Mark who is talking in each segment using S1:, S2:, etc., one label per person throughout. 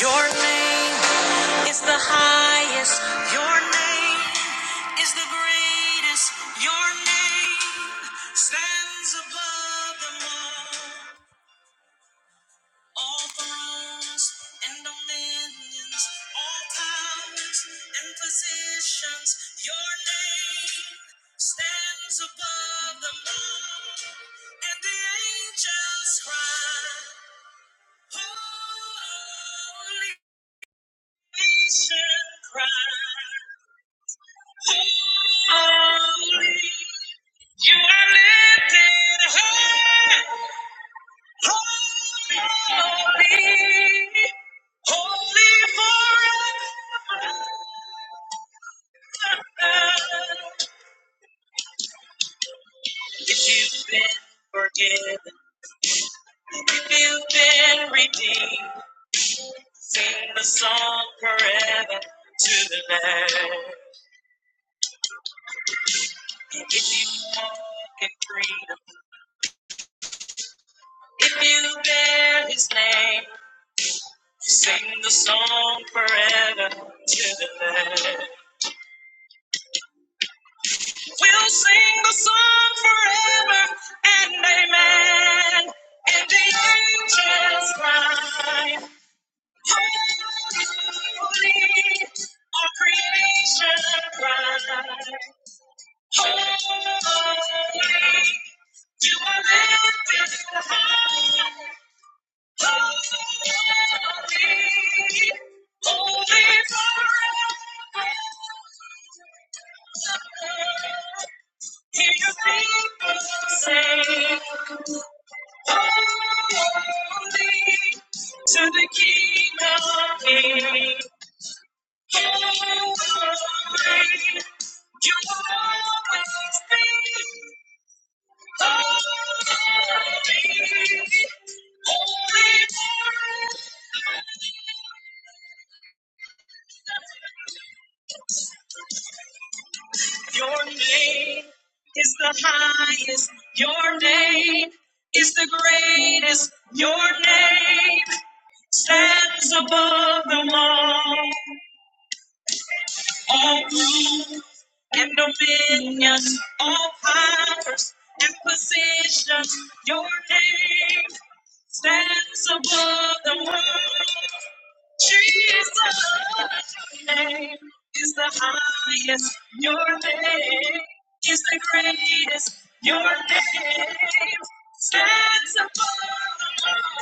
S1: Your name is the highest. Your name is the greatest. Your name stands above them all. All thrones and dominions, all powers and positions. Your name stands above them all. And the angels cry, Holy. Sing the song forever to the Lamb. If you walk in freedom, if you bear His name, Sing the song forever to the land. We'll sing the song forever and amen. And the angels cry, holy, our creation cry, holy, holy, holy forever. Hear your people say, Holy to the King of Kings. Holy, you will always be. Holy, holy. Your name is the highest. Your name is the greatest. Your name stands above them all. all rule and dominion, all powers and positions. Your name stands above the world. Jesus, your name is the highest. Your name is the greatest. Your name stands above the world.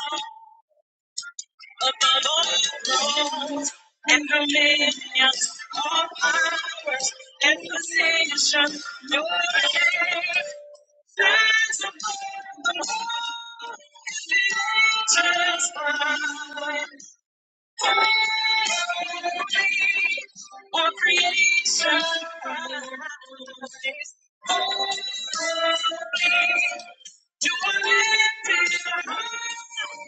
S1: Above all Lord and dominions, all powers and positions, Your name stands above them all. the angels cry, Holy, all creation. cries. Holy, you are lifted high.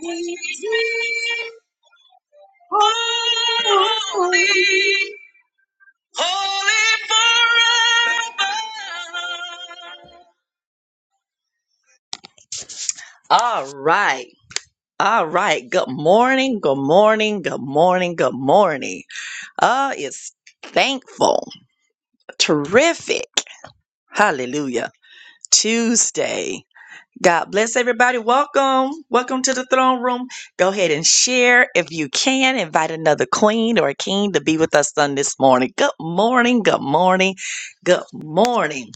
S1: Holy, holy, holy, holy, Holy, holy forever. All right. All right. Good morning. Good morning. Good morning. Good morning. Uh, it's thankful. Terrific. Hallelujah. Tuesday. God bless everybody. Welcome. Welcome to the throne room. Go ahead and share if you can. Invite another queen or a king to be with us on this morning. Good morning. Good morning. Good morning.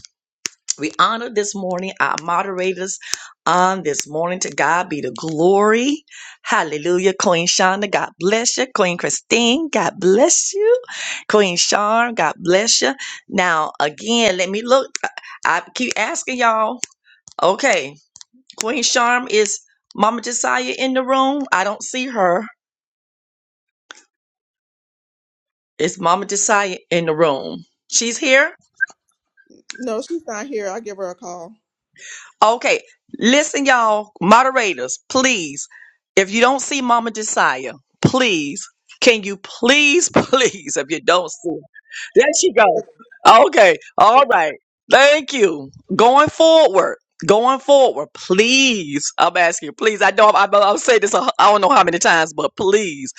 S1: We honor this morning our moderators on this morning. To God be the glory. Hallelujah. Queen Shonda, God bless you. Queen Christine, God bless you. Queen Sharm, God bless you. Now, again, let me look. I keep asking y'all. Okay. Queen Charm is Mama Josiah in the room? I don't see her. Is Mama Josiah in the room? She's here?
S2: No, she's not here. I'll give her a call.
S1: Okay. Listen, y'all, moderators, please. If you don't see Mama Josiah, please, can you please, please, if you don't see her, there she go. Okay. All right. Thank you. Going forward. Going forward, please. I'm asking you, please. I know I've, I've said this, a, I don't know how many times, but please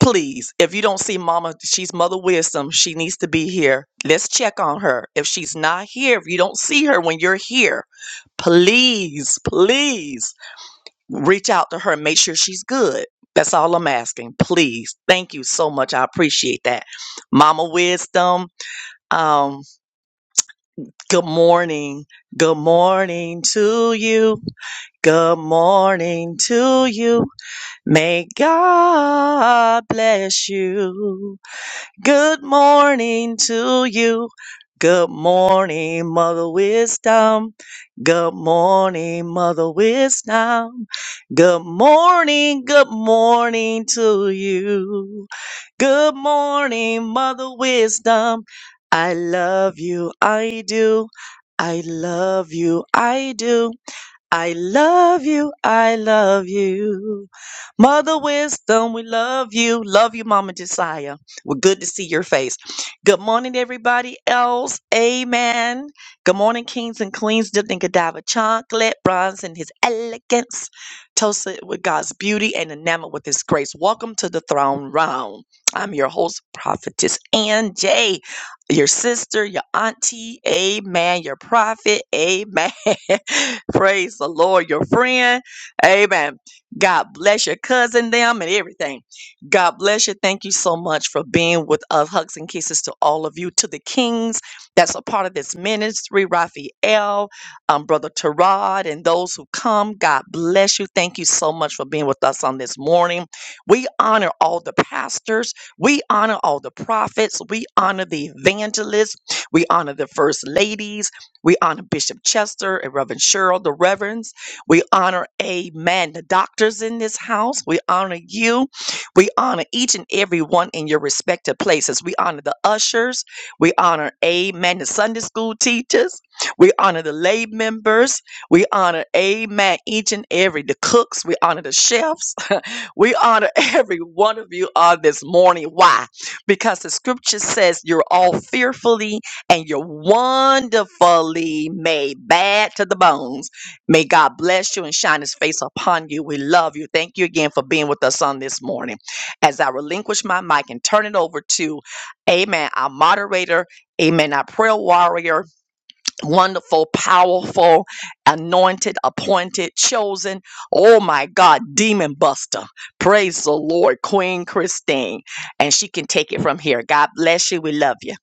S1: please, if you don't see Mama, she's Mother Wisdom. She needs to be here. Let's check on her. If she's not here, if you don't see her when you're here, please, please reach out to her and make sure she's good. That's all I'm asking. Please. Thank you so much. I appreciate that. Mama Wisdom, um, good morning. Good morning to you. Good morning to you. May God bless you. Good morning to you. Good morning, Mother Wisdom. Good morning, Mother Wisdom. Good morning, good morning to you. Good morning, Mother Wisdom. I love you, I do. I love you, I do. I love you. I love you. Mother Wisdom, we love you. Love you, Mama Josiah. We're good to see your face. Good morning, everybody else. Amen. Good morning, kings and queens, dipped in cadaver chocolate, bronze in his elegance, toasted with God's beauty and enamored with his grace. Welcome to the throne round. I'm your host, prophetess Ann J. your sister, your auntie, amen, your prophet, amen. Praise the Lord, your friend. Amen. God bless your cousin, them, and everything. God bless you. Thank you so much for being with us. Hugs and kisses to all of you, to the kings that's a part of this ministry, Raphael, um, Brother Tarad, and those who come. God bless you. Thank you so much for being with us on this morning. We honor all the pastors, we honor all the prophets, we honor the evangelists, we honor the first ladies. We honor Bishop Chester and Reverend Cheryl, the Reverends. We honor, amen, the doctors in this house. We honor you. We honor each and every one in your respective places. We honor the ushers. We honor, amen, the Sunday school teachers. We honor the lay members. We honor, amen, each and every, the cooks. We honor the chefs. we honor every one of you on this morning. Why? Because the scripture says you're all fearfully and you're wonderfully made bad to the bones. May God bless you and shine his face upon you. We love you. Thank you again for being with us on this morning. As I relinquish my mic and turn it over to Amen, our moderator, Amen, our prayer warrior, wonderful, powerful, anointed, appointed, chosen. Oh my God, demon buster. Praise the Lord, Queen Christine. And she can take it from here. God bless you. We love you.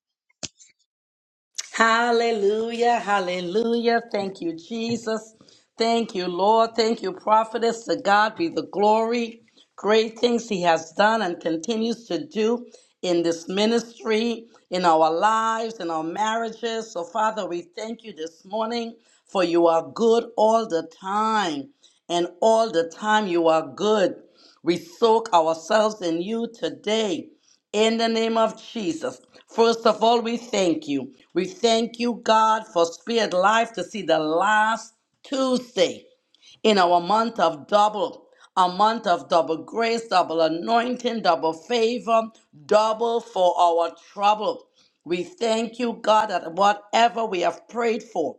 S3: Hallelujah, hallelujah. Thank you, Jesus. Thank you, Lord. Thank you, prophetess. To God be the glory. Great things He has done and continues to do in this ministry, in our lives, in our marriages. So, Father, we thank you this morning for you are good all the time, and all the time you are good. We soak ourselves in you today. In the name of Jesus. First of all, we thank you. We thank you, God, for Spirit Life to see the last Tuesday in our month of double, a month of double grace, double anointing, double favor, double for our trouble. We thank you, God, that whatever we have prayed for,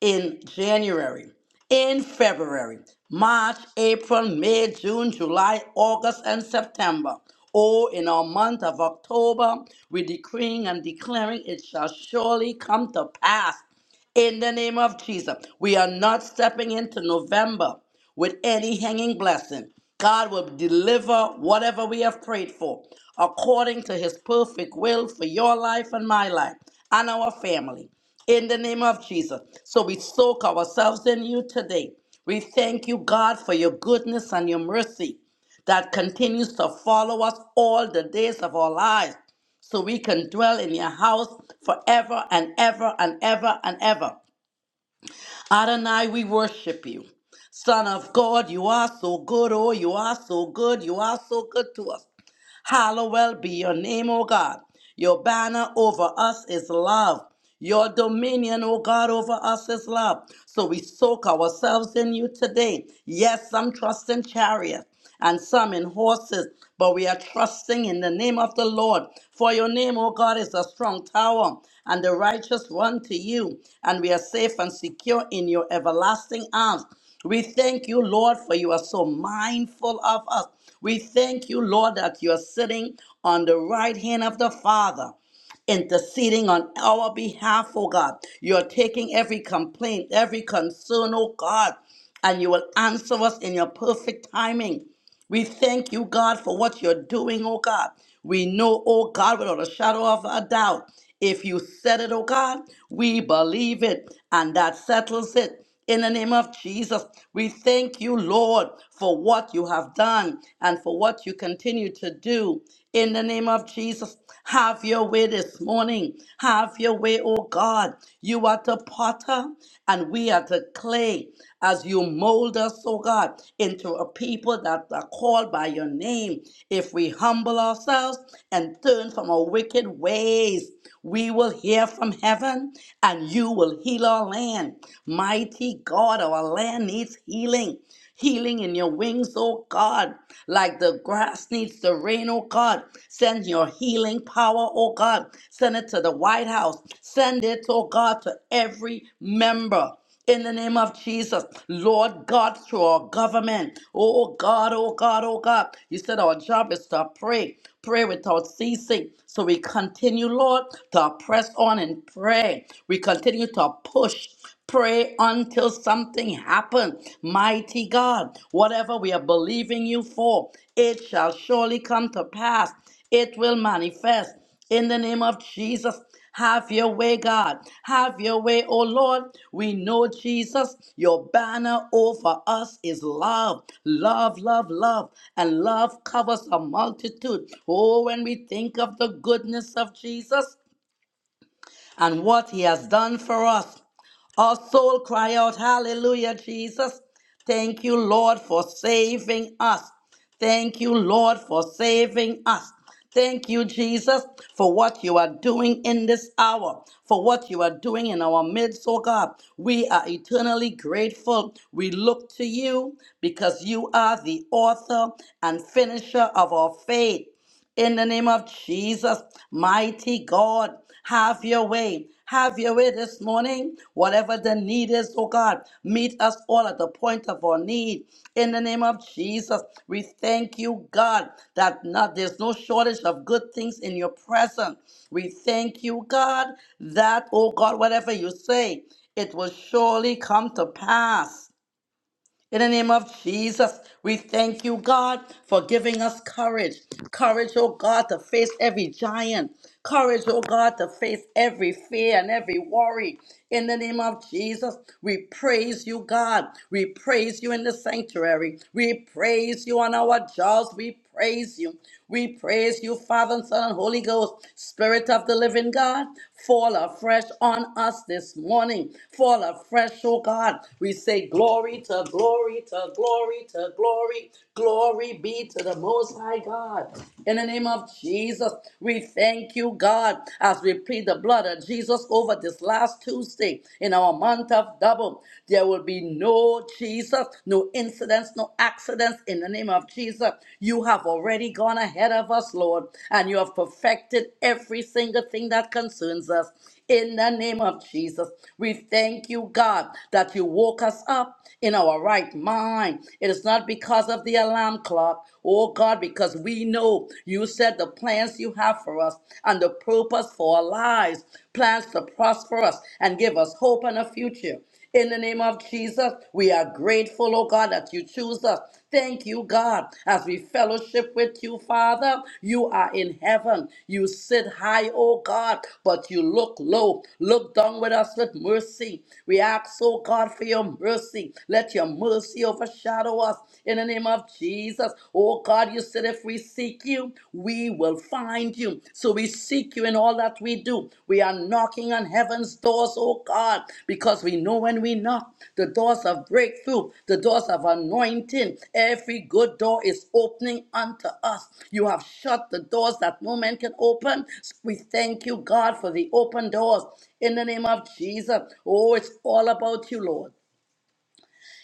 S3: in January, in February, March, April, May, June, July, August, and September. Oh, in our month of October, we're decreeing and declaring it shall surely come to pass. In the name of Jesus, we are not stepping into November with any hanging blessing. God will deliver whatever we have prayed for according to his perfect will for your life and my life and our family. In the name of Jesus. So we soak ourselves in you today. We thank you, God, for your goodness and your mercy that continues to follow us all the days of our lives, so we can dwell in your house forever and ever and ever and ever. Adonai, we worship you. Son of God, you are so good. Oh, you are so good. You are so good to us. Hallowed be your name, O God. Your banner over us is love. Your dominion, O God, over us is love. So we soak ourselves in you today. Yes, some trust in chariots and some in horses, but we are trusting in the name of the Lord. For your name, O God, is a strong tower, and the righteous run to you, and we are safe and secure in your everlasting arms. We thank you, Lord, for you are so mindful of us. We thank you, Lord, that you're sitting on the right hand of the Father interceding on our behalf, oh God. You're taking every complaint, every concern, oh God, and you will answer us in your perfect timing. We thank you, God, for what you're doing, oh God. We know, oh God, without a shadow of a doubt, if you said it, oh God, we believe it, and that settles it. In the name of Jesus, we thank you, Lord, for what you have done and for what you continue to do. In the name of Jesus, have your way this morning. Have your way, oh God. You are the potter potter and we are the clay as you mold us, oh God, into a people that are called by your name. If we humble ourselves and turn from our wicked ways, we will hear from heaven and you will heal our land. Mighty God, our land needs healing healing in your wings, oh God. Like the grass needs the rain, oh God. Send your healing power, oh God. Send it to the White House. Send it, oh God, to every member. In the name of Jesus, Lord God, through our government. Oh oh God, oh God, oh God. You said our job is to pray, pray without ceasing. So we continue, Lord, to press on in prayer. We continue to push. Pray until something happens. Mighty God, whatever we are believing you for, it shall surely come to pass. It will manifest in the name of Jesus. Have your way, God. Have your way, oh Lord. We know, Jesus, your banner over us is love. Love, love, love. And love covers a multitude. Oh, when we think of the goodness of Jesus, and what he has done for us. Our soul cry out, Hallelujah, Jesus. Thank you, Lord, for saving us. Thank you, Lord, for saving us. Thank you, Jesus, for what you are doing in this hour, for what you are doing in our midst, oh God. We are eternally grateful. We look to you because you are the author and finisher of our faith in the name of Jesus. Mighty God, have your way. Have your way this morning. Whatever the need is, oh God, meet us all at the point of our need. In the name of Jesus, we thank you, God, that not, there's no shortage of good things in your presence. We thank you, God, that, oh God, whatever you say, it will surely come to pass in the name of Jesus, we thank you, God, for giving us courage. Courage, oh God, to face every giant. Courage, oh God, to face every fear and every worry. In the name of Jesus, we praise you, God. We praise you in the sanctuary. We praise you on our jobs. We praise you. We praise you, Father and Son and Holy Ghost, Spirit of the living God. Fall afresh on us this morning. Fall afresh, oh God. We say glory to glory to glory to glory. Glory be to the Most High God. In the name of Jesus, we thank you, God, as we plead the blood of Jesus over this last Tuesday in our month of double. There will be no Lord Jesus. No incidents, no accidents in the name of Jesus. You have already gone ahead of us, Lord, and you have perfected every single thing that concerns us. In the name of Jesus, we thank you, God, that you woke us up in our right mind. It is not because of the alarm clock, oh God, because we know you said the plans you have for us and the purpose for our lives, plans to prosper us and give us hope and a future. In the name of Jesus, we are grateful, oh God, that you choose us. Thank you, God, as we fellowship with you, Father. You are in heaven. You sit high, oh God, but you look low. Look down with us with mercy. We ask, oh God, for your mercy. Let your mercy overshadow us. In the name of Jesus, oh God, you said if we seek you, we we will find you. So we seek you in all that we do. We are knocking on heaven's doors, oh God, because we know when we knock, the doors of breakthrough, the doors of anointing, every good door is opening unto us. You have shut the doors that no man can open. We thank you, God, for the open doors in the name of Jesus. Oh, it's all about you, Lord.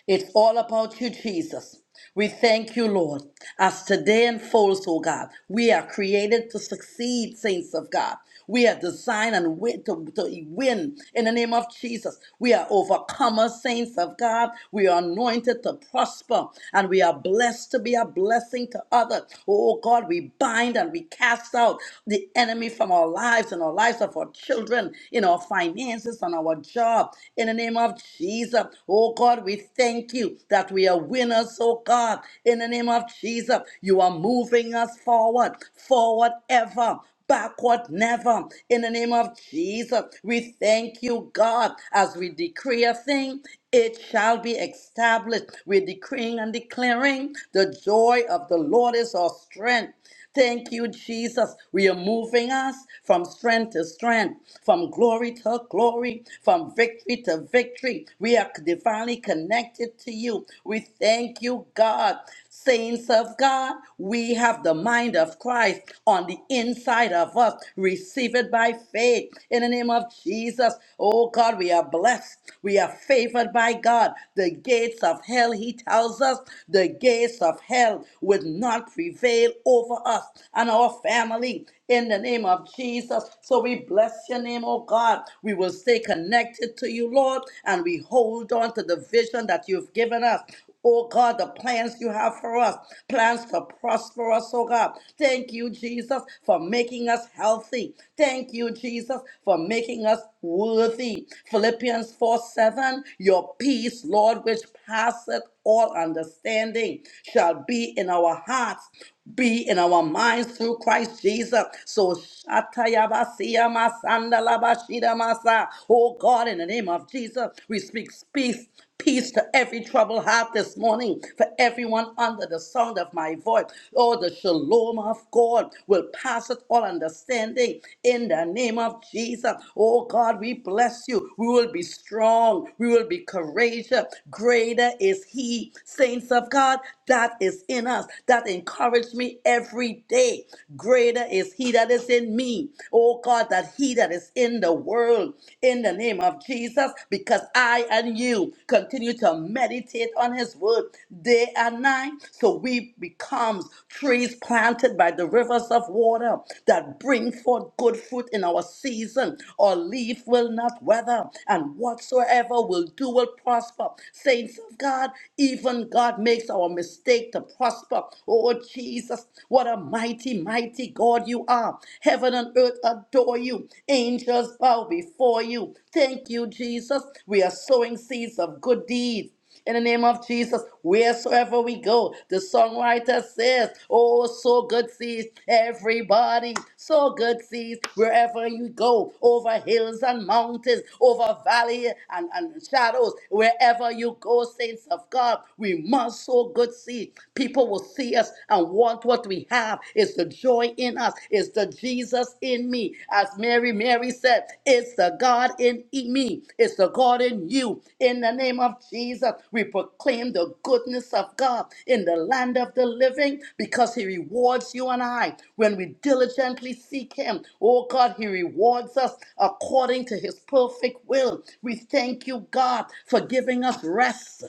S3: It's all about you, Jesus. We thank you, Lord, as today unfolds, oh God. We are created to succeed, saints of God. We are designed and wi- to, to win in the name of Jesus. We are overcomers, saints of God. We are anointed to prosper and we are blessed to be a blessing to others. Oh God, we bind and we cast out the enemy from our lives and our lives of our children, in our finances, on our job, in the name of Jesus. Oh God, we thank you that we are winners, oh God. In the name of Jesus, you are moving us forward, forward ever backward never. In the name of Jesus, we thank you, God, as we decree a thing. It shall be established. We're decreeing and declaring the joy of the Lord is our strength. Thank you, Jesus. We are moving us from strength to strength, from glory to glory, from victory to victory. We are divinely connected to you. We thank you, God. Saints of God, we have the mind of Christ on the inside of us. Receive it by faith in the name of Jesus. Oh God, we are blessed. We are favored by God. The gates of hell, he tells us, the gates of hell would not prevail prevail over us and our family in the name of Jesus. So we bless your name, oh God. We will stay connected to you, Lord, and we hold on to the vision that you've given us. Oh God, the plans you have for us, plans to prosper us, oh God. Thank you, Jesus, for making us healthy. Thank you, Jesus, for making us worthy. Philippians 4 7, your peace, Lord, which passeth all understanding, shall be in our our hearts be in our minds through Christ Jesus. So Shatayabasiya Masandalabashida Masa. Oh God, in the name of Jesus, we speak peace, peace to every troubled heart this morning, for everyone under the sound of my voice. Oh, the shalom of God will pass it all understanding in the name of Jesus. Oh God, we bless you. We will be strong. We will be courageous. Greater is He, saints of God, That is in us that encourage me every day. Greater is he that is in me, oh God, that he that is in the world, in the name of Jesus, because I and you continue to meditate on his word day and night. So we becomes trees planted by the rivers of water that bring forth good fruit in our season. Our leaf will not weather, and whatsoever will do will prosper. Saints of God, even God makes mistakes our mistake to prosper. Oh, Jesus, what a mighty, mighty God you are. Heaven and earth adore you. Angels bow before you. Thank you, Jesus. We are sowing seeds of good deeds. In the name of Jesus, wheresoever we go, the songwriter says, Oh, so good seeds, everybody, so good seeds, wherever you go, over hills and mountains, over valley and, and shadows, wherever you go, saints of God, we must sow good seed. People will see us and want what we have. It's the joy in us. It's the Jesus in me. As Mary, Mary said, it's the God in e-, me. It's the God in you. In the name of Jesus, we proclaim the goodness of God in the land of the living because he rewards you and I when we diligently seek him. Oh God, he rewards us according to his perfect will. We thank you, God, for giving us rest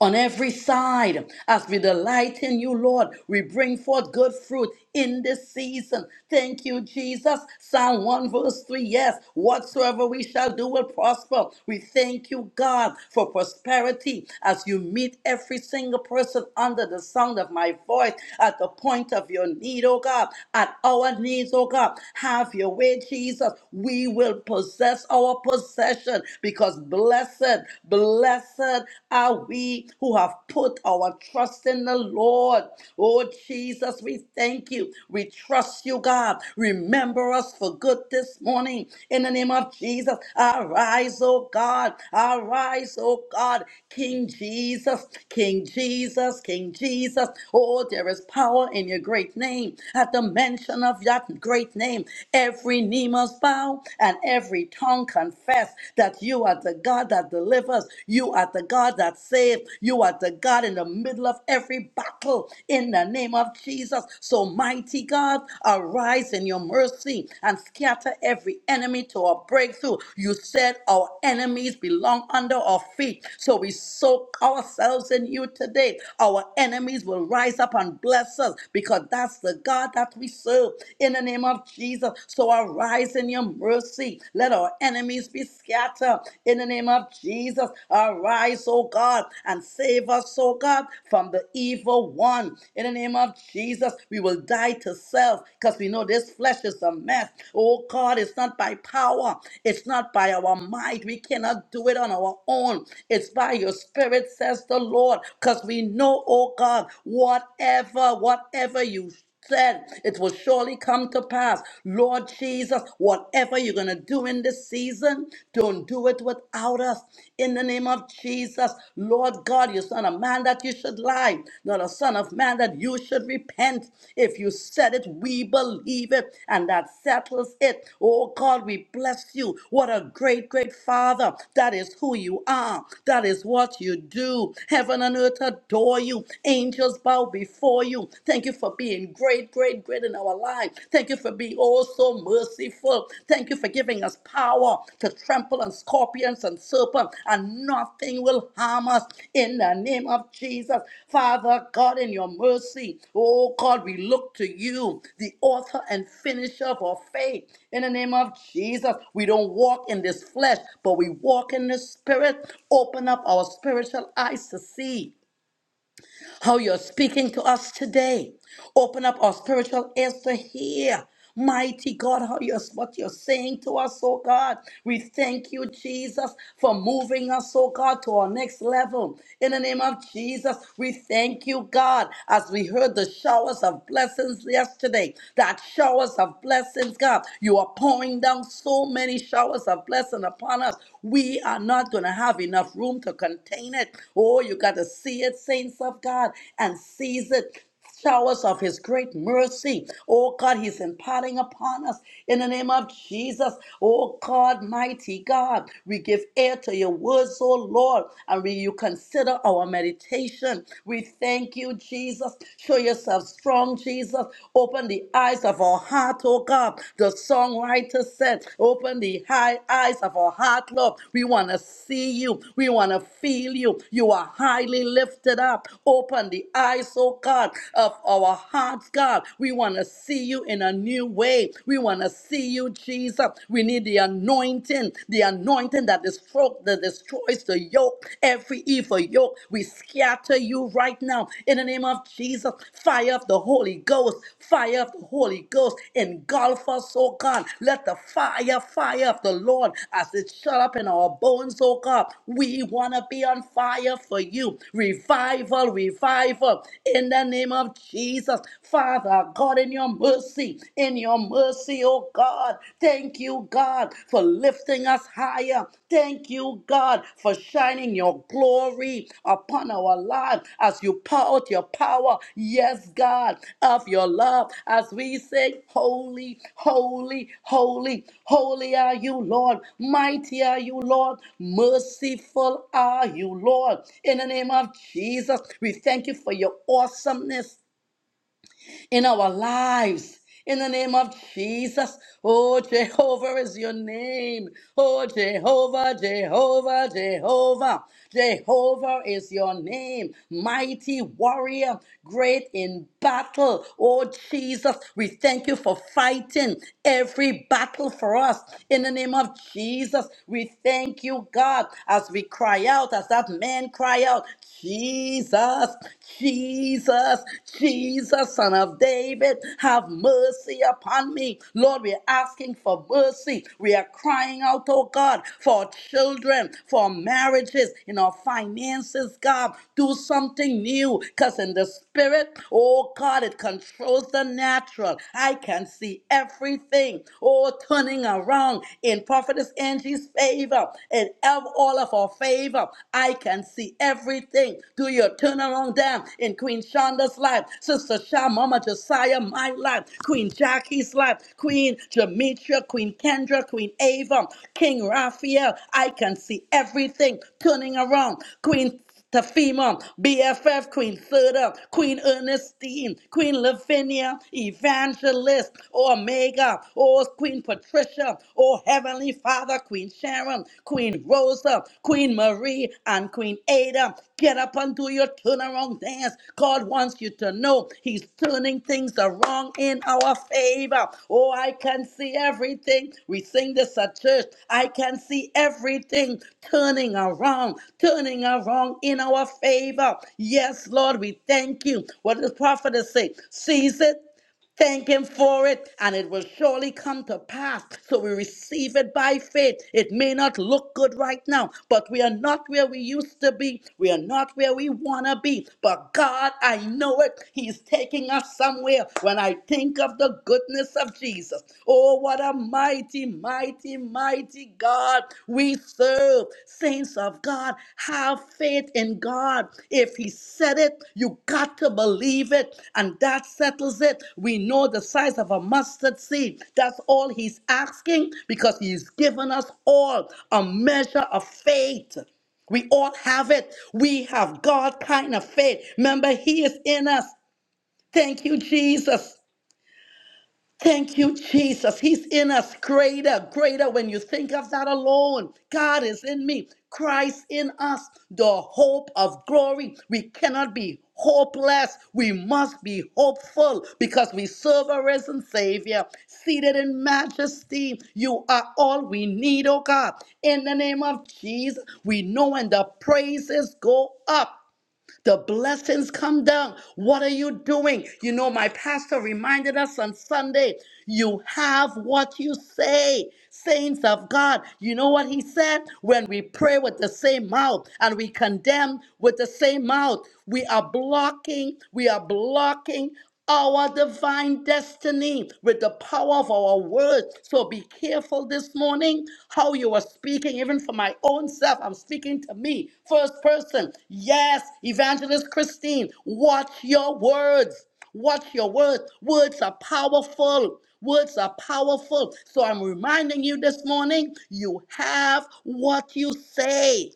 S3: on every side. As we delight in you, Lord, we bring forth good fruit in this season. Thank you, Jesus. Psalm 1, verse 3 Yes, whatsoever we shall do will prosper. We thank you, God, for prosperity as you meet every single person under the sound of my voice at the point of your need, oh God, at our needs, oh God. Have your way, Jesus. We will possess our possession because blessed Blessed, blessed are we who have put our trust in the Lord. Oh, Jesus, we thank you. We trust you, God. Remember us for good this morning. In the name of Jesus, arise, oh God. Arise, oh God. King Jesus, King Jesus, King Jesus. Oh, there is power in your great name. At the mention of that great name, every knee must bow and every tongue tongue confess that you are the God that delivers. You are the God that saves. You are the God in the middle of every battle in the name of Jesus. So, mighty God, arise in your mercy and scatter every enemy to our breakthrough. You said our enemies belong under our feet. So, we soak ourselves in you today. Our enemies will rise up and bless us because that's the God that we serve in the name of Jesus. So, arise in your mercy. Let our enemies be scattered. In the name of Jesus, arise, O God, and save us, O God, from the evil one. In the name of Jesus, we will die to self because we know this flesh is a mess. Oh God, it's not by power, it's not by our might. We cannot do it on our own. It's by your spirit, says the Lord, because we know, oh God, whatever, whatever you said it will surely come to pass. Lord Jesus, whatever you're going to do in this season, don't do it without us. In the name of Jesus, Lord God, you're not a man that you should lie, not a son of man that you should repent. If you said it, we believe it, and that settles it. Oh God, we bless you. What a great, great Father. That is who you are. That is what you do. Heaven and earth adore you. Angels bow bow before you. Thank you for being great, great, great in our life. Thank you for being oh so merciful. Thank you for giving us power to trample on scorpions and serpents, and nothing will harm us in the name of Jesus. Father God, in your mercy, oh God, we look to you, the author and finisher of our faith. In the name of Jesus, we don't walk in this flesh, but we walk in the spirit. Open up our spiritual eyes to see how you're speaking to us today. Open up our spiritual ears to hear. Mighty God, how you're, what you're saying to us, oh God. We thank you, Jesus, for moving us, oh God, to our next level. In the name of Jesus, we thank you, God, as we heard the showers of blessings yesterday. That showers of blessings, God, you are pouring down so many showers of blessing upon us upon us, we are not going to have enough room to contain it. Oh, you got to see it, saints of God, and seize it showers of his great mercy. Oh God, he's imparting upon us in the name of Jesus. Oh God, mighty God, we give ear to your words, oh Lord, and we you consider our meditation. We thank you, Jesus. Show yourself strong, Jesus. Open the Open the eyes of our heart, oh God. The songwriter said, Open the high eyes of our heart, Lord. We want to see you. We want to feel you. You are highly lifted up. Open the eyes, oh God, of our hearts, God. We want to see you in a new way. We want to see you, Jesus. We need the anointing, the anointing that destroys, that destroys the yoke, every evil yoke. We scatter you right now in the name of Jesus. Fire of the Holy Ghost, fire of the Holy Ghost, engulf us, oh God. Let the fire, fire of the Lord, as it shut up in our bones, oh God. We want to be on fire for you. Revival, revival, in the name of Jesus. Father God, in your mercy, in your mercy, oh God. Thank you, you, God, for lifting us higher. Thank you, God, for shining your glory upon our lives as you pour out your power. Yes, God, of your love as we sing, Holy, holy, holy, holy are you, Lord. Mighty are you, Lord. Merciful are you, Lord. In the name of Jesus, we thank you for your awesomeness in our lives. In the name of Jesus. Oh, Jehovah is your name. Oh, Jehovah, Jehovah, Jehovah. Jehovah is your name. Mighty warrior, great in battle. Oh, Jesus, we thank you for fighting every battle for us. In the name of Jesus, we thank you, God, as we cry out, as that man cry out. Jesus, Jesus, Jesus, Son of David, have mercy upon me. Lord, we're asking for mercy. We are crying out, oh God, for children, for marriages, in our finances, God. Do something new, because in the spirit, oh God, it controls the natural. I can see everything, oh, turning around in Prophetess Angie's favor, in ev- of all of our favor. I can see everything. Do your turnaround down in Queen Shonda's life, Sister Sha, Mama Josiah, my life, Queen Jackie's life, Queen Jametra, Queen Kendra, Queen Ava, King Raphael. I can see everything turning around. Queen Tafima, BFF Queen Suda, Queen Ernestine, Queen Lavinia, Evangelist, Omega, oh Queen Patricia, oh Heavenly Father, Queen Sharon, Queen Rosa, Queen Marie, and Queen Ada, Get up and do your turnaround dance. God wants you to know He's turning things around in our favor. Oh, I can see everything. We sing this at church. I can see everything turning around, turning around in our favor. Yes, Lord, we thank you. What does the prophet say? Seize it Thank him for it, and it will surely come to pass. So we receive it by faith. It may not look good right now, but we are not where we used to be. We are not where we want to be. But God, I know it. He's taking us somewhere when I think of the goodness of Jesus. Oh, what a mighty, mighty, mighty God we serve serve. Saints of God, have faith in God. If He said it, you got to believe it, and that settles it. We know the size of a mustard seed. That's all He's asking because He's given us all a measure of faith. We all have it. We have God kind of faith. Remember, He is in us. Thank you, Jesus. Thank you, Jesus. He's in us greater, greater. When you think of that alone, God is in me, Christ in us, the hope of glory. We cannot be hopeless. We must be hopeful because we serve a risen Savior seated in majesty. You are all we need, oh God. In the name of Jesus, we know when the praises go up. The blessings come down. What are you doing? You know, my pastor reminded us on Sunday you have what you say, saints of God. You know what he said? When we pray with the same mouth and we condemn with the same mouth, we are blocking, we are blocking our divine destiny with the power of our words. So be careful this morning how you are speaking, even for my own self. I'm speaking to me, first person. Yes, Evangelist Christine, watch your words. Watch your words. Words are powerful. Words are powerful. So I'm reminding you this morning you have what you say.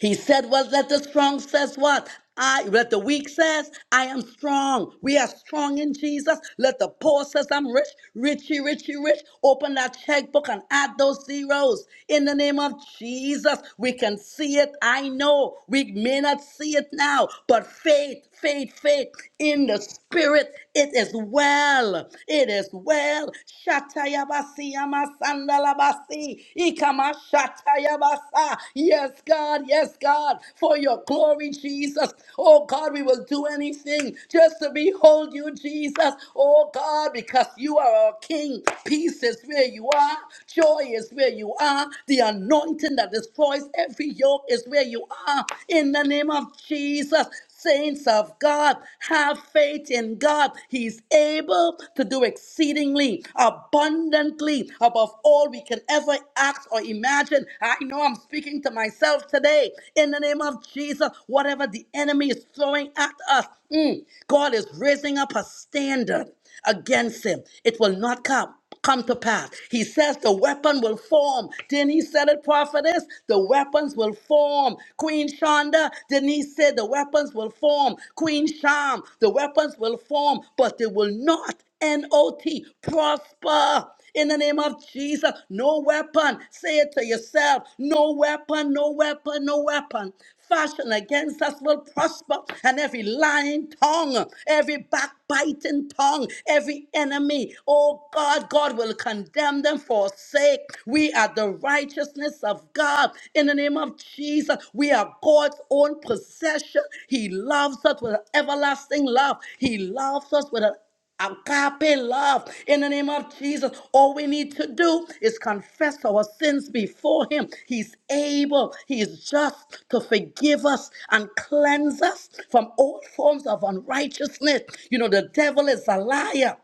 S3: He said, Well, let the strong says what? I let the weak says, I am strong. We are strong in Jesus. Let the poor says I'm rich, richy, richy, rich. Open that checkbook and add those zeros. In the name of Jesus, we can see it. I know we may not see it now, but faith, faith, faith in the spirit. It is well. It is well. Shatayabasiyamasandalabasaya. Yabasi, Ikamashata Yabasa. Yes, God, yes, God, for your glory, Jesus. Oh God, we will do anything just to behold you, Jesus. Oh God, because you are our King. Peace is where you are, joy is where you are, the anointing that destroys every yoke is where you are. In the name of Jesus saints of God, have faith in God. He is able to do exceedingly, abundantly, above all we can ever ask or imagine. I know I'm speaking to myself today. In the name of Jesus, whatever the enemy is throwing at us, mm, God is raising up a standard against him. It will not come come to pass. He says the weapon will form. Didn't he said it, prophetess? The weapons will form. Queen Shonda, didn't he say the weapons will form? Queen Sham, the weapons will form, but they will not, N-O-T, prosper. In the name of Jesus, no weapon. Say it to yourself. No weapon, no weapon, no weapon. Fashion against us will prosper, and every lying tongue, every backbiting tongue, every enemy, oh God, God will condemn them for sake. We are the righteousness of God. In the name of Jesus, we are God's own possession. He loves us with an everlasting love. He loves us with an agape love in the name of Jesus. All we need to do is confess our sins before Him. He's able, He is just to forgive us and cleanse us from all forms of unrighteousness. You know, the devil is a liar.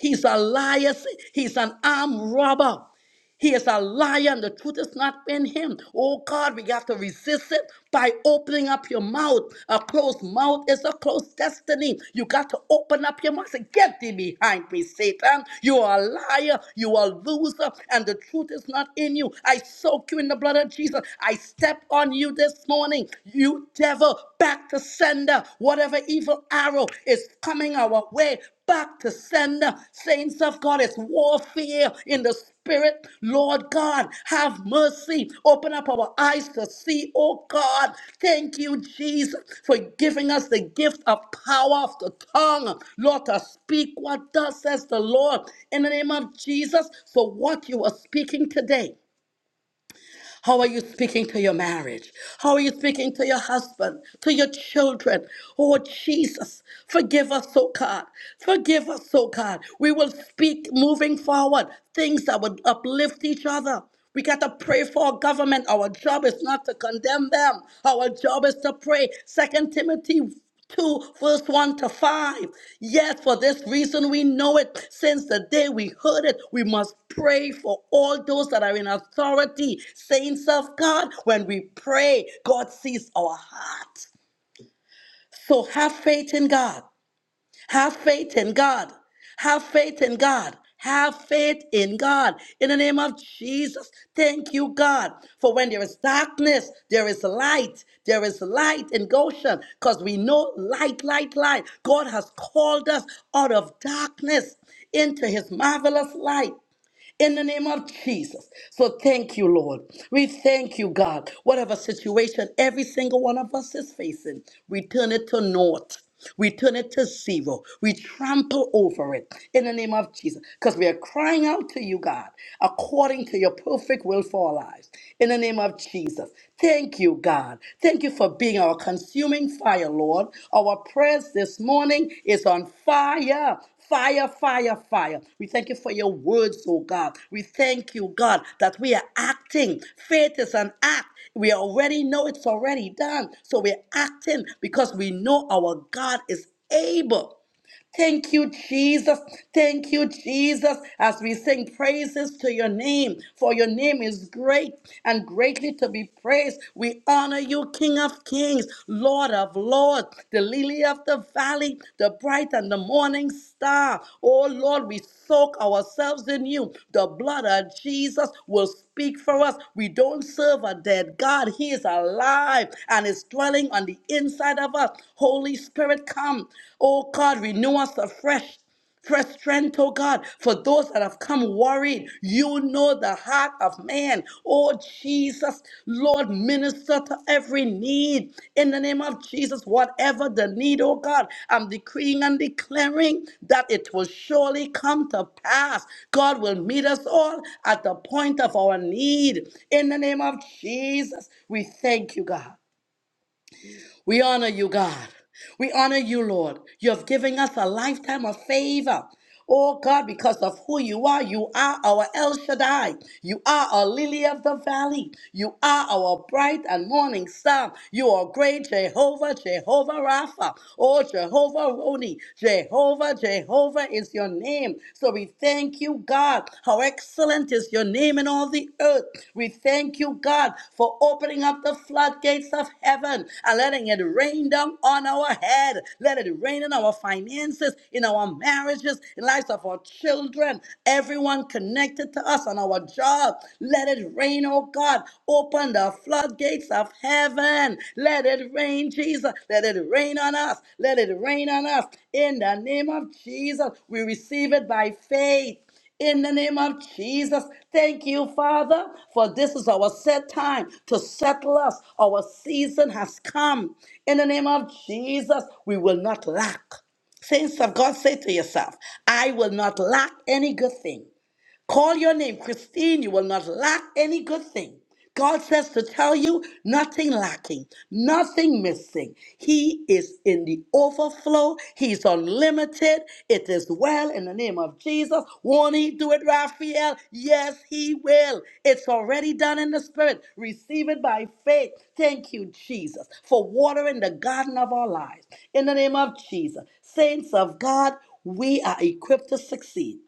S3: He's a liar. He's an armed robber. He is a liar and the truth is not in him. Oh God, we have to resist it by opening up your mouth. A closed mouth is a closed destiny. You got to open up your mouth. and Say, Get thee behind me, Satan. You are a liar. You are a loser. And the truth is not in you. I soak you in the blood of Jesus. I step on you this morning. You devil, back to sender. Whatever evil arrow is coming our way, back to sender. Saints of God, it's warfare in the Spirit. Lord God, have mercy. Open up our eyes to see, oh God. Thank you, Jesus, for giving us the gift of power of the tongue. Lord, to speak what thus says the Lord in the name of Jesus. So, what you are speaking today. How are you speaking to your marriage? How are you speaking to your husband, to your children? Oh, Jesus, forgive us, oh God. Forgive us, oh God. We will speak moving forward things that would uplift each other. We got to pray for our government. Our job is not to condemn them. Our job is to pray. Second Timothy 2 verse 1 to 5 yes for this reason we know it since the day we heard it we must pray for all those that are in authority saints of god when we pray god sees our heart so have faith in god have faith in God. Have faith in God. Have faith in God. In the name of Jesus, thank you, God. For when there is darkness, there is light. There is light in Goshen because we know light, light, light. God has called us out of darkness into his marvelous light in the name of Jesus. So thank you, Lord. We thank you, God. Whatever situation every single one of us is facing, we turn it to naught. We turn it to zero. We trample over it in the name of Jesus because we are crying out to you, God, according to your perfect will for our lives. In the name of Jesus. Thank you, God. Thank you for being our consuming fire, Lord. Our prayers this morning is on fire Fire, fire, fire. We thank you for your words, oh God. We thank you, God, that we are acting. Faith is an act. We already know it's already done. So we're acting because we know our God is able. Thank you, Jesus. Thank you, Jesus, as we sing praises to your name, for your name is great and greatly to be praised. We honor you, King of Kings, Lord of Lords, the lily of the valley, the bright and the morning star. Oh Lord, we soak ourselves in you. The blood of Jesus will speak for us. We don't serve a dead God, He is alive and is dwelling on the inside of us. Holy Spirit, come. Oh God, renew us afresh. Fresh strength, oh God, for those that have come worried. You know the heart of man. Oh Jesus, Lord, minister to every need. In the name of Jesus, whatever the need, oh God, I'm decreeing and declaring that it will surely come to pass. God will meet us all at the point of our need. In the name of Jesus, we thank you, God. We honor you, God. We honor you, Lord. You have given us a lifetime of favor. Oh God, because of who you are, you are our El Shaddai. You are our lily of the valley. You are our bright and morning star. You are great Jehovah, Jehovah Rapha. Oh Jehovah Roni, Jehovah, Jehovah is your name. So we thank you, God. How excellent is your name in all the earth. We thank you, God, for opening up the floodgates of heaven and letting it rain down on our head. Let it rain in our finances, in our marriages, in lives of our children, everyone connected to us on our job. Let it rain, oh God. Open the the floodgates of heaven. Let it rain, Jesus. Let it rain on us. Let it rain on us. In the name of Jesus, we receive it by faith. In the name of Jesus, thank you, Father, for this is our set time to settle us. Our season has come. In the name of Jesus, we will not lack. Saints of God, say to yourself, I will not lack any good thing. Call your name, Christine. You will not lack any good thing. God says to tell you nothing lacking, nothing missing. He is in the overflow. He's unlimited. It is well in the name of Jesus. Won't he do it, Raphael? Yes, he will. It's already done in the spirit. Receive it by faith. Thank you, Jesus, for watering the garden of our lives. In the name of Jesus, saints of God, we are equipped to succeed.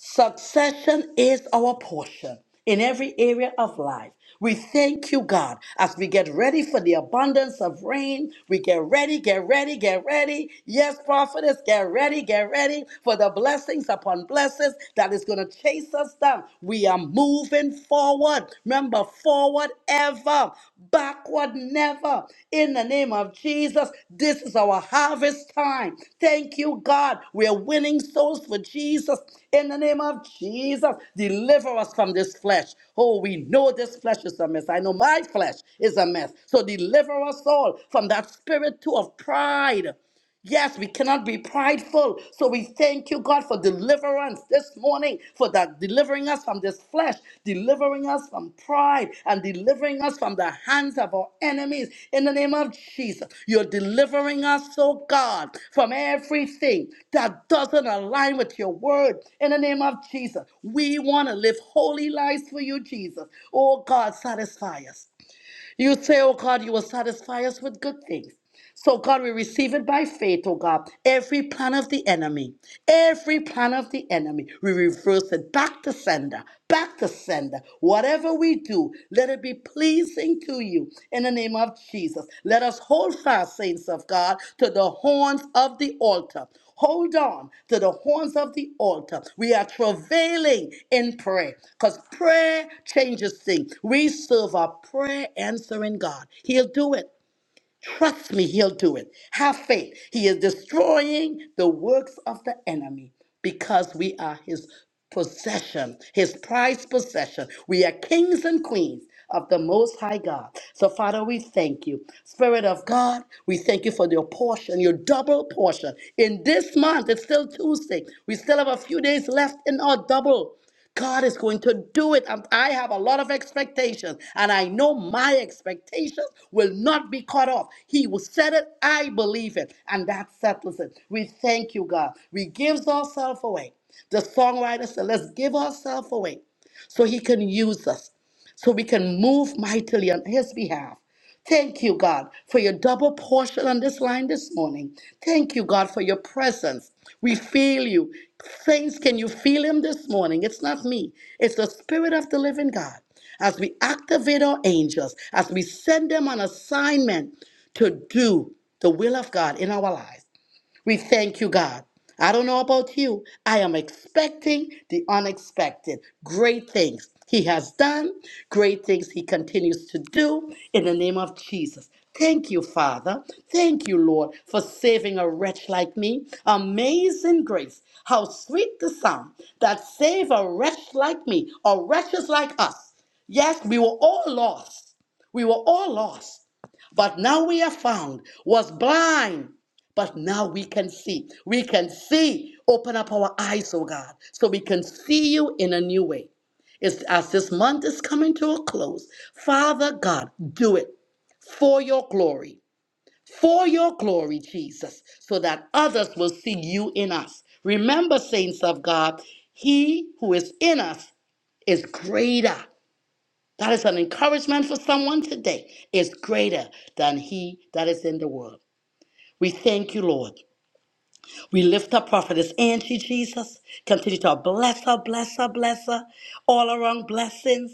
S3: Succession is our portion in every area of life. We thank you, God, as we get ready for the abundance of rain. We get ready, get ready, get ready. Yes, prophetess, get ready, get ready for the blessings upon blessings that is going to chase us down. We are moving forward. Remember, forward ever, backward never. In the name of Jesus, this is our harvest time. Thank you, God. We are winning souls for Jesus. In the name of Jesus, deliver us from this flesh. Oh, we know this flesh is a mess. I know my flesh is a mess. So deliver us all from that spirit too of pride. Yes, we cannot be prideful. So we thank you, God, for deliverance this morning, for that delivering us from this flesh, delivering us from pride, and delivering us from the hands of our enemies. In the name of Jesus, you're delivering us, oh God, from everything that doesn't align with your word. In the name of Jesus, we want to live holy lives for you, Jesus. Oh God, satisfy us. You say, oh God, you will satisfy us with good things. So, God, we receive it by faith, oh God. Every plan of the enemy, every plan of the enemy, we reverse it back to sender, back to sender. Whatever we do, let it be pleasing to you. In the name name of Jesus. Let us hold fast, saints of God, to the horns of the altar. Hold on to the horns of the altar. We are travailing in prayer because prayer changes things. We serve a prayer answering God. He'll do it. Trust me, he'll do it. Have faith. He is destroying the works of the enemy because we are his possession, his prized possession. We are kings and queens of the Most High God. So, Father, we thank you. Spirit of God, we thank you for your portion, your double portion. In this month, it's still Tuesday. We still have a few days left in our double. God is going to do it. Um, I have a lot of expectations, and I know my expectations will not be cut off. He will set it, I believe it, and that settles it. We thank you, God. We gives ourselves away. The songwriter said, Let's give ourselves away so He can use us, so we can move mightily on His behalf. Thank you, God, for your double portion on this line this morning. Thank you, God, for your presence. We feel you. Saints, can you feel him this morning? It's not me, it's the Spirit of the living God. As we activate our angels, as we send them on assignment to do the will of God in our lives. We thank you, God. I don't know about you. I am expecting the unexpected. Great things He has done, great things He continues to do in the name of Jesus. Thank you, Father. Thank you, Lord, for saving a wretch like me. Amazing grace. How sweet the sound that saved a wretch like me or wretches like us. Yes, we were all lost. We were all lost but now we are found, was blind, but now we can see. We can see. Open up our eyes, oh God, so we can see you in a new way. It's, as this month is coming to a close, Father God, do it for your glory, for your glory, Jesus, so that others will see you in us. Remember, saints of God, he who is in us is greater. That is an encouragement for someone today. Is greater than he that is in the world. We thank you, Lord. We lift up Prophetess Angie, Jesus. Continue to bless her, bless her, bless her. All around blessings,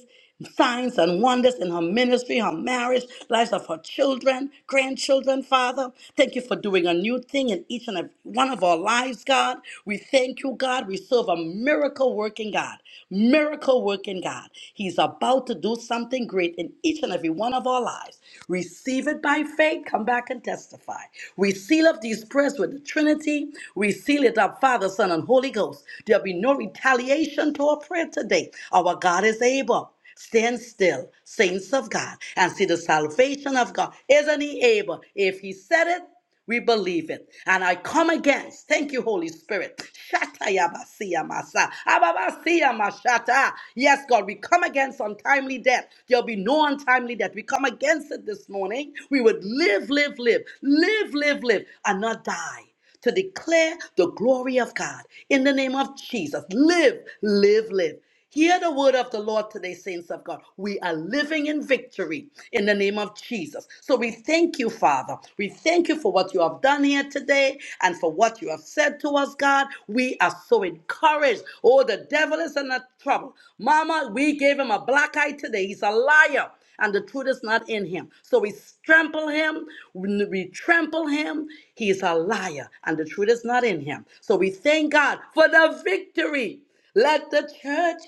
S3: signs, and wonders in her ministry, her marriage, lives of her children, grandchildren, Father. Thank you for doing a new thing in each and every one of our lives, God. We thank you, God. We serve a miracle working God. Miracle working God. He's about to do something great in each and every one one of our lives. Receive it by faith. Come back and testify. We seal up these prayers with the Trinity. We seal it up, Father, Son, and Holy Ghost. There'll be no retaliation to our prayer today. Our God is able. Stand still, saints of God, and see the salvation of God. Isn't he able? If he said it, we believe it. And I come against. Thank you, Holy Spirit. Shata yabasiya masa. Ababasiya mashata. Yes, God, we come against untimely death. There'll be no untimely death. We come against it this morning. We would live, live, live, live, live, live, and not die to declare the glory of God. In the name of Jesus, live, live, live. Hear the word of the Lord today, saints of God. We are living in victory in the name of Jesus. So we thank you, Father. We thank you for what you have done here today and for what you have said to us, God. We are so encouraged. Oh, the devil is in a trouble. Mama, we gave him a black eye today. He's a liar and the truth is not in him. So we trample him, we we trample him. He is a liar, and the truth is not in him. So we thank God for the victory. Let the church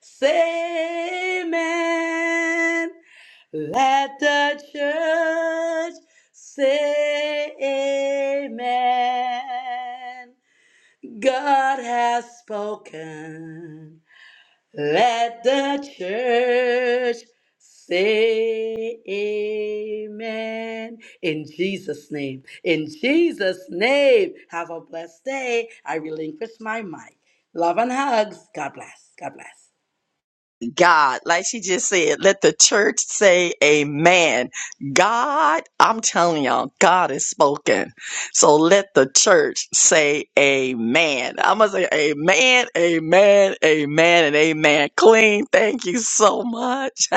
S3: say amen. Let the church say amen. God has spoken. Let the church say amen. In Jesus' name. In Jesus' name. Have a blessed day. I relinquish my mic. Love and hugs. God bless. God bless.
S1: God, like she just said, let the church say amen. God, I'm telling y'all, God is spoken. So let the church say amen. I'm going to say amen, amen, amen, and amen. Clean, thank you so much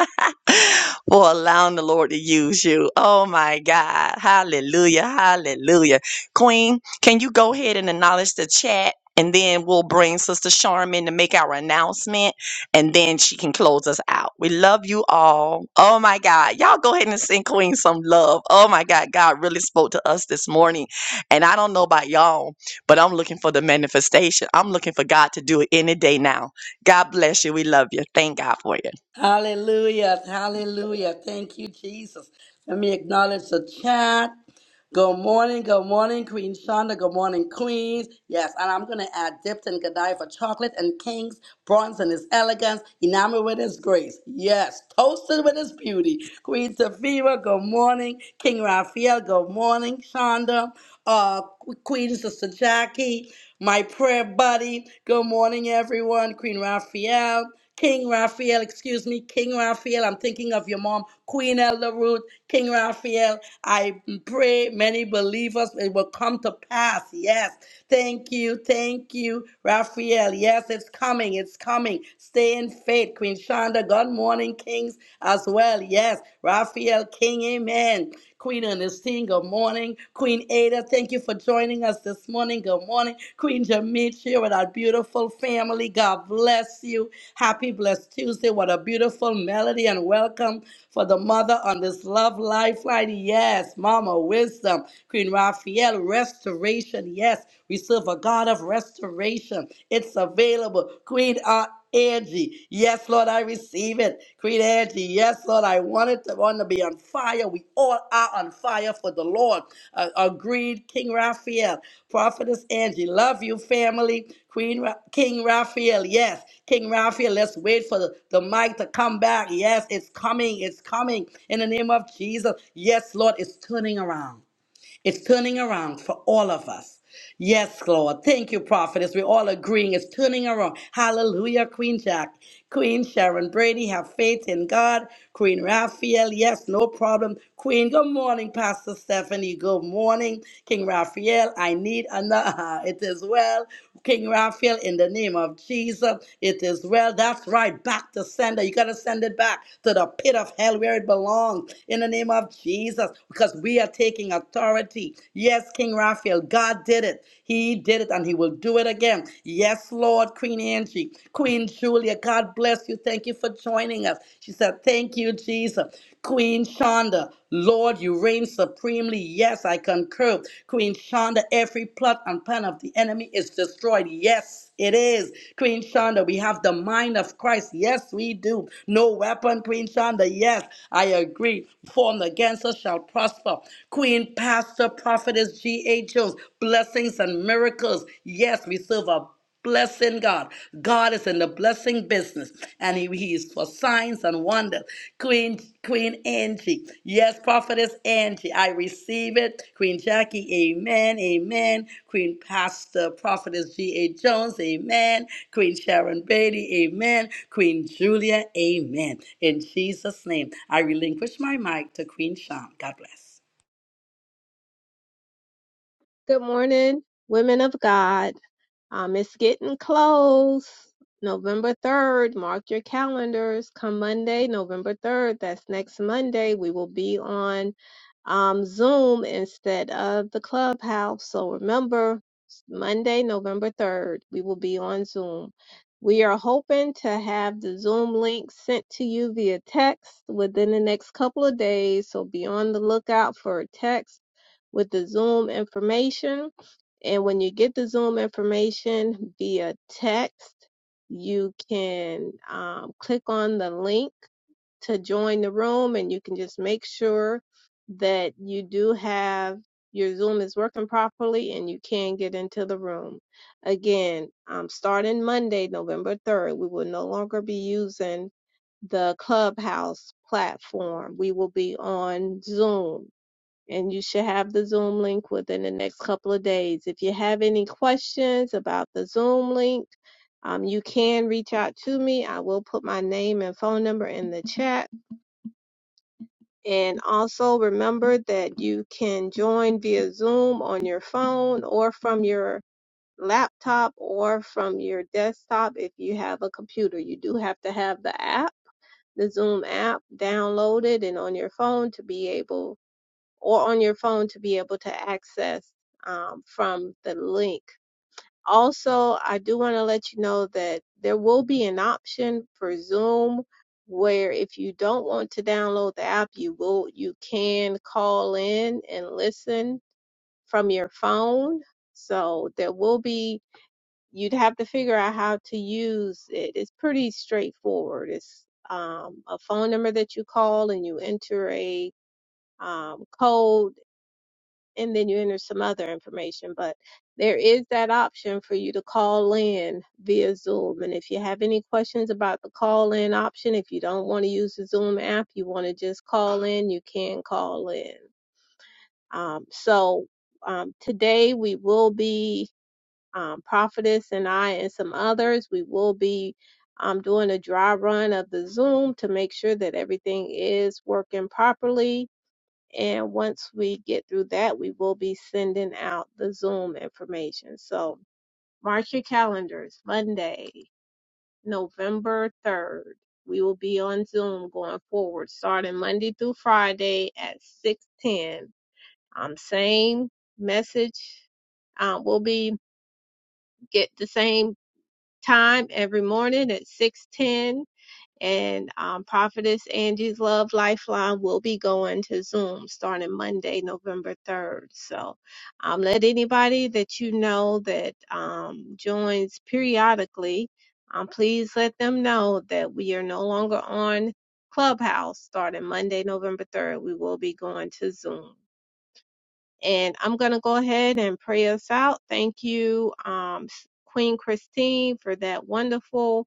S1: for allowing the Lord to use you. Oh my God. Hallelujah. Hallelujah. Queen, can you go ahead and acknowledge the chat? And then we'll bring Sister Charmin to make our announcement and then she can close us out. We love you all. Oh my God. Y'all go ahead and send Queen some love. Oh my God. God really spoke to us this morning. And I don't know about y'all, but I'm looking for the manifestation. I'm looking for God to do it any day now. God bless you. We love you. Thank God for you.
S3: Hallelujah. Hallelujah. Thank you, Jesus. Let me acknowledge the chat. Good morning, good morning, Queen Shonda. Good morning, Queens. Yes, and I'm gonna add dipped in Godiva chocolate and kings, bronze in his elegance, enamored with his grace. Yes, toasted with his beauty. Queen Safira, good morning. King Raphael, good morning, Shonda. Uh, Queen Sister Jackie, my prayer buddy. Good morning, everyone. Queen Raphael. King Raphael, excuse me, King Raphael. I'm thinking of your mom, Queen Elder Ruth, King Raphael. I pray many believers it will come to pass. Yes. Thank you. Thank you, Raphael. Yes, it's coming. It's coming. Stay in faith. Queen Shonda, good morning, Kings, as well. Yes. Raphael King, amen. Queen Ernestine, good morning. Queen Ada, thank you for joining us this this morning. Good morning, Queen Jamit with our beautiful family. God bless you. Happy Blessed Tuesday. What a beautiful melody and welcome for the mother on this love lifeline. Yes, Mama Wisdom, Queen Raphael, restoration. Yes, we serve a God of restoration. It's available. Queen uh, Angie. Yes, Lord, I receive it. Queen Angie, yes, Lord, I want it to want to be on fire. We all are on fire for the Lord. Uh, agreed, King Raphael, Prophetess Angie, love you, family. Queen Ra- King Raphael, yes, King Raphael, let's wait for the, the mic to come back. Yes, it's coming, it's coming in the name of Jesus. Yes, Lord, it's turning around. It's turning around for all of us. Yes, Lord. Thank you, prophetess. We're all agreeing. It's turning around. Hallelujah, Queen Jack. Queen Sharon Brady, have faith in God. Queen Raphael, yes, no problem. Queen, good morning, Pastor Stephanie. Good morning, King Raphael. I need another. It is well. King Raphael, in the name of Jesus, it is well. That's right. Back to sender. You got to send it back to the pit of hell where it belongs in the name of Jesus because we are taking authority authority. Yes, King Raphael, God did it. He did it and he will do it again. Yes, Lord, Queen Angie, Queen Julia, God bless you. Thank you for joining us. She said, Thank you, Jesus. Queen Shonda, Lord, you reign supremely. Yes, I concur. Queen Shonda, every plot and plan of the enemy is destroyed. Yes, it is. Queen Shonda, we have the mind of Christ. Yes, we do. No weapon, Queen Shonda. Yes, I agree. Formed against us shall prosper. Queen Pastor Prophetess G.A. Jones, blessings and miracles. Yes, we serve a blessing God. God is in the blessing business and he, he is for signs and wonders. Queen Queen Angie. Yes, prophetess Angie. I receive it. Queen Jackie, amen. Amen. Queen Pastor Prophetess G.A. Jones, amen. Queen Sharon Beatty, amen. Queen Julia, amen. In Jesus' name, I relinquish my mic to Queen Sham. God bless.
S4: Good morning, women of God. Um, it's getting close. November 3rd, mark your calendars. Come Monday, November 3rd, that's next Monday, we will be on um, Zoom instead of the clubhouse. So remember, Monday, November 3rd, we will be on Zoom. We are hoping to have the Zoom link sent to you via text within the next couple of days. So be on the lookout for a text with the Zoom information and when you get the Zoom information via text, you can um, click on the link to join the room and you can just make sure that you do have your Zoom is working properly and you can get into the room. Again, um, starting Monday, November 3rd, we will no longer be using the Clubhouse platform. We will be on Zoom and you should have the Zoom link within the next couple of days. If you have any questions about the Zoom link, um, you can reach out to me. I will put my name and phone number in the chat. And also remember that you can join via Zoom on your phone or from your laptop or from your desktop if you have a computer. You do have to have the app, the Zoom app downloaded and on your phone to be able or on your phone to be able to access um, from the link. Also, I do want to let you know that there will be an option for Zoom where if you don't want to download the app, you will you can call in and listen from your phone. So there will be you'd have to figure out how to use it. It's pretty straightforward. It's um, a phone number that you call and you enter a um, code and then you enter some other information. But there is that option for you to call in via Zoom. And if you have any questions about the call in option, if you don't want to use the Zoom app, you want to just call in, you can call in. Um, so um, today we will be, um, Prophetess and I and some others, we will be. um doing a dry run of the Zoom to make sure that everything is working properly and once we get through that, we will be sending out the Zoom information. So mark your calendars, Monday, November 3rd. We will be on Zoom going forward, starting Monday through Friday at 6:10. Um, same message. Um, will be get the same time every morning at 6:10 and um, Prophetess Angie's Love Lifeline will be going to Zoom starting Monday, November 3rd. So um, let anybody that you know that um, joins periodically, um, please let them know that we are no longer on Clubhouse starting Monday, November 3rd. We will be going to Zoom. And I'm going to go ahead and pray us out. Thank you, um, Queen Christine, for that wonderful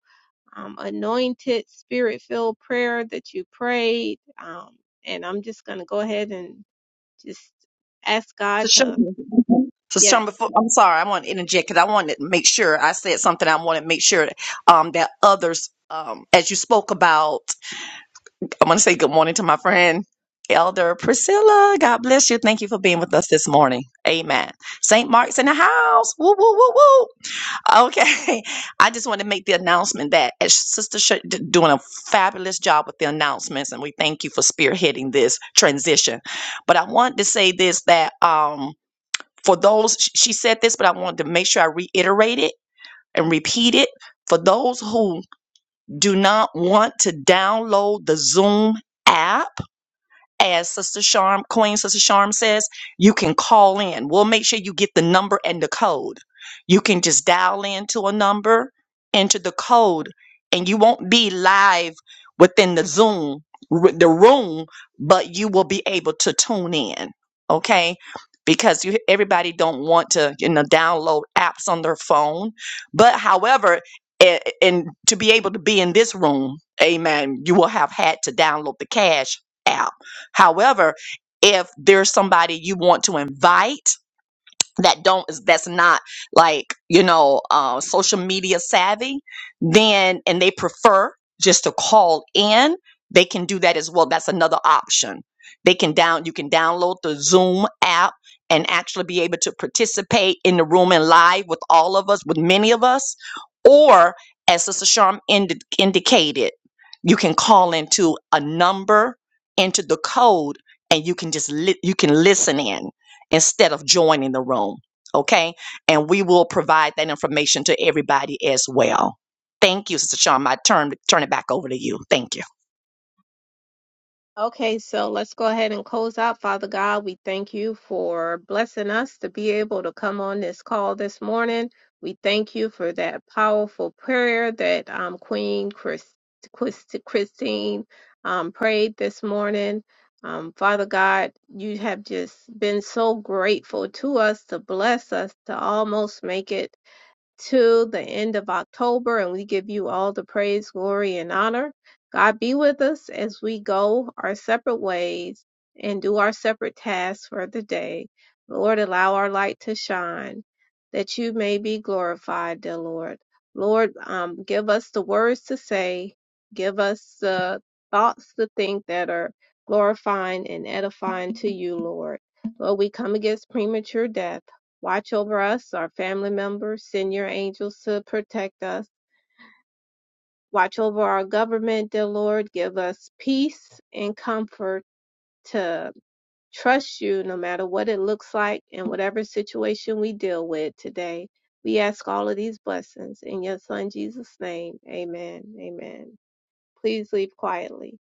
S4: um, anointed spirit filled prayer that you prayed. Um, and I'm just going to go ahead and just ask God
S1: Sister
S4: to,
S1: Sherman, Sister
S4: yes,
S1: Sherman, before, I'm sorry, I want to interject because I wanted to make sure I said something. I want to make sure um, that others, um, as you spoke about I want to say good morning to my friend, Elder Priscilla. God bless you. Thank you for being with us this morning. Amen. St. Mark's in the house. Woo, woo, woo, woo. Okay. I just want to make the announcement that as Sister Sh- d- doing a fabulous job with the announcements, and we thank you for spearheading this transition. But I want to say this that um, for those, sh- she said this, but I wanted to make sure I reiterate it and repeat it. For those who do not want to download the Zoom app, as Sister Charm, Queen Sister Charm says, you can call in. We'll make sure you get the number and the code. You can just dial into a number, enter the code, and you won't be live within the Zoom, r- the room, but you will be able to tune in. Okay. Because you, everybody don't want to, you know, download apps on their phone. But however, a- and to be able to be in this room, amen, you will have had to download the cash app However, if there's somebody you want to invite, that don't that's not like you know uh, social media savvy then and they prefer just to call in they can do that as well that's another option they can down you can download the zoom app and actually be able to participate in the room and live with all of us with many of us or as sister sharm indi- indicated you can call into a number enter the code and you can just li- you can listen in instead of joining the room. Okay. And we will provide that information to everybody as well. Thank you, Sister Shawn. I turn, turn it back over to you. Thank you.
S4: Okay, so let's go ahead and close out. Father God, we thank you for blessing us to be able to come on this call this morning. We thank you for that powerful prayer that um, Queen Chris, Chris, Christine um, prayed this morning. Um, Father God, you have just been so grateful to us to bless us to almost make it till the end of October, and we give you all the praise, glory, and honor. God be with us as we go our separate ways and do our separate tasks for the day. Lord, allow our light to shine that you may be glorified, dear Lord. Lord, um, give us the words to say, give us the thoughts to think that are glorifying and edifying to you, Lord. Lord, we come against premature death. Watch over us, our family members, send your angels to protect us. Watch over our government, dear Lord. Give us peace and comfort to trust you no matter what it looks like and whatever situation we deal with today. We ask all of these blessings in your son Jesus' name. Amen. Amen. Please leave quietly.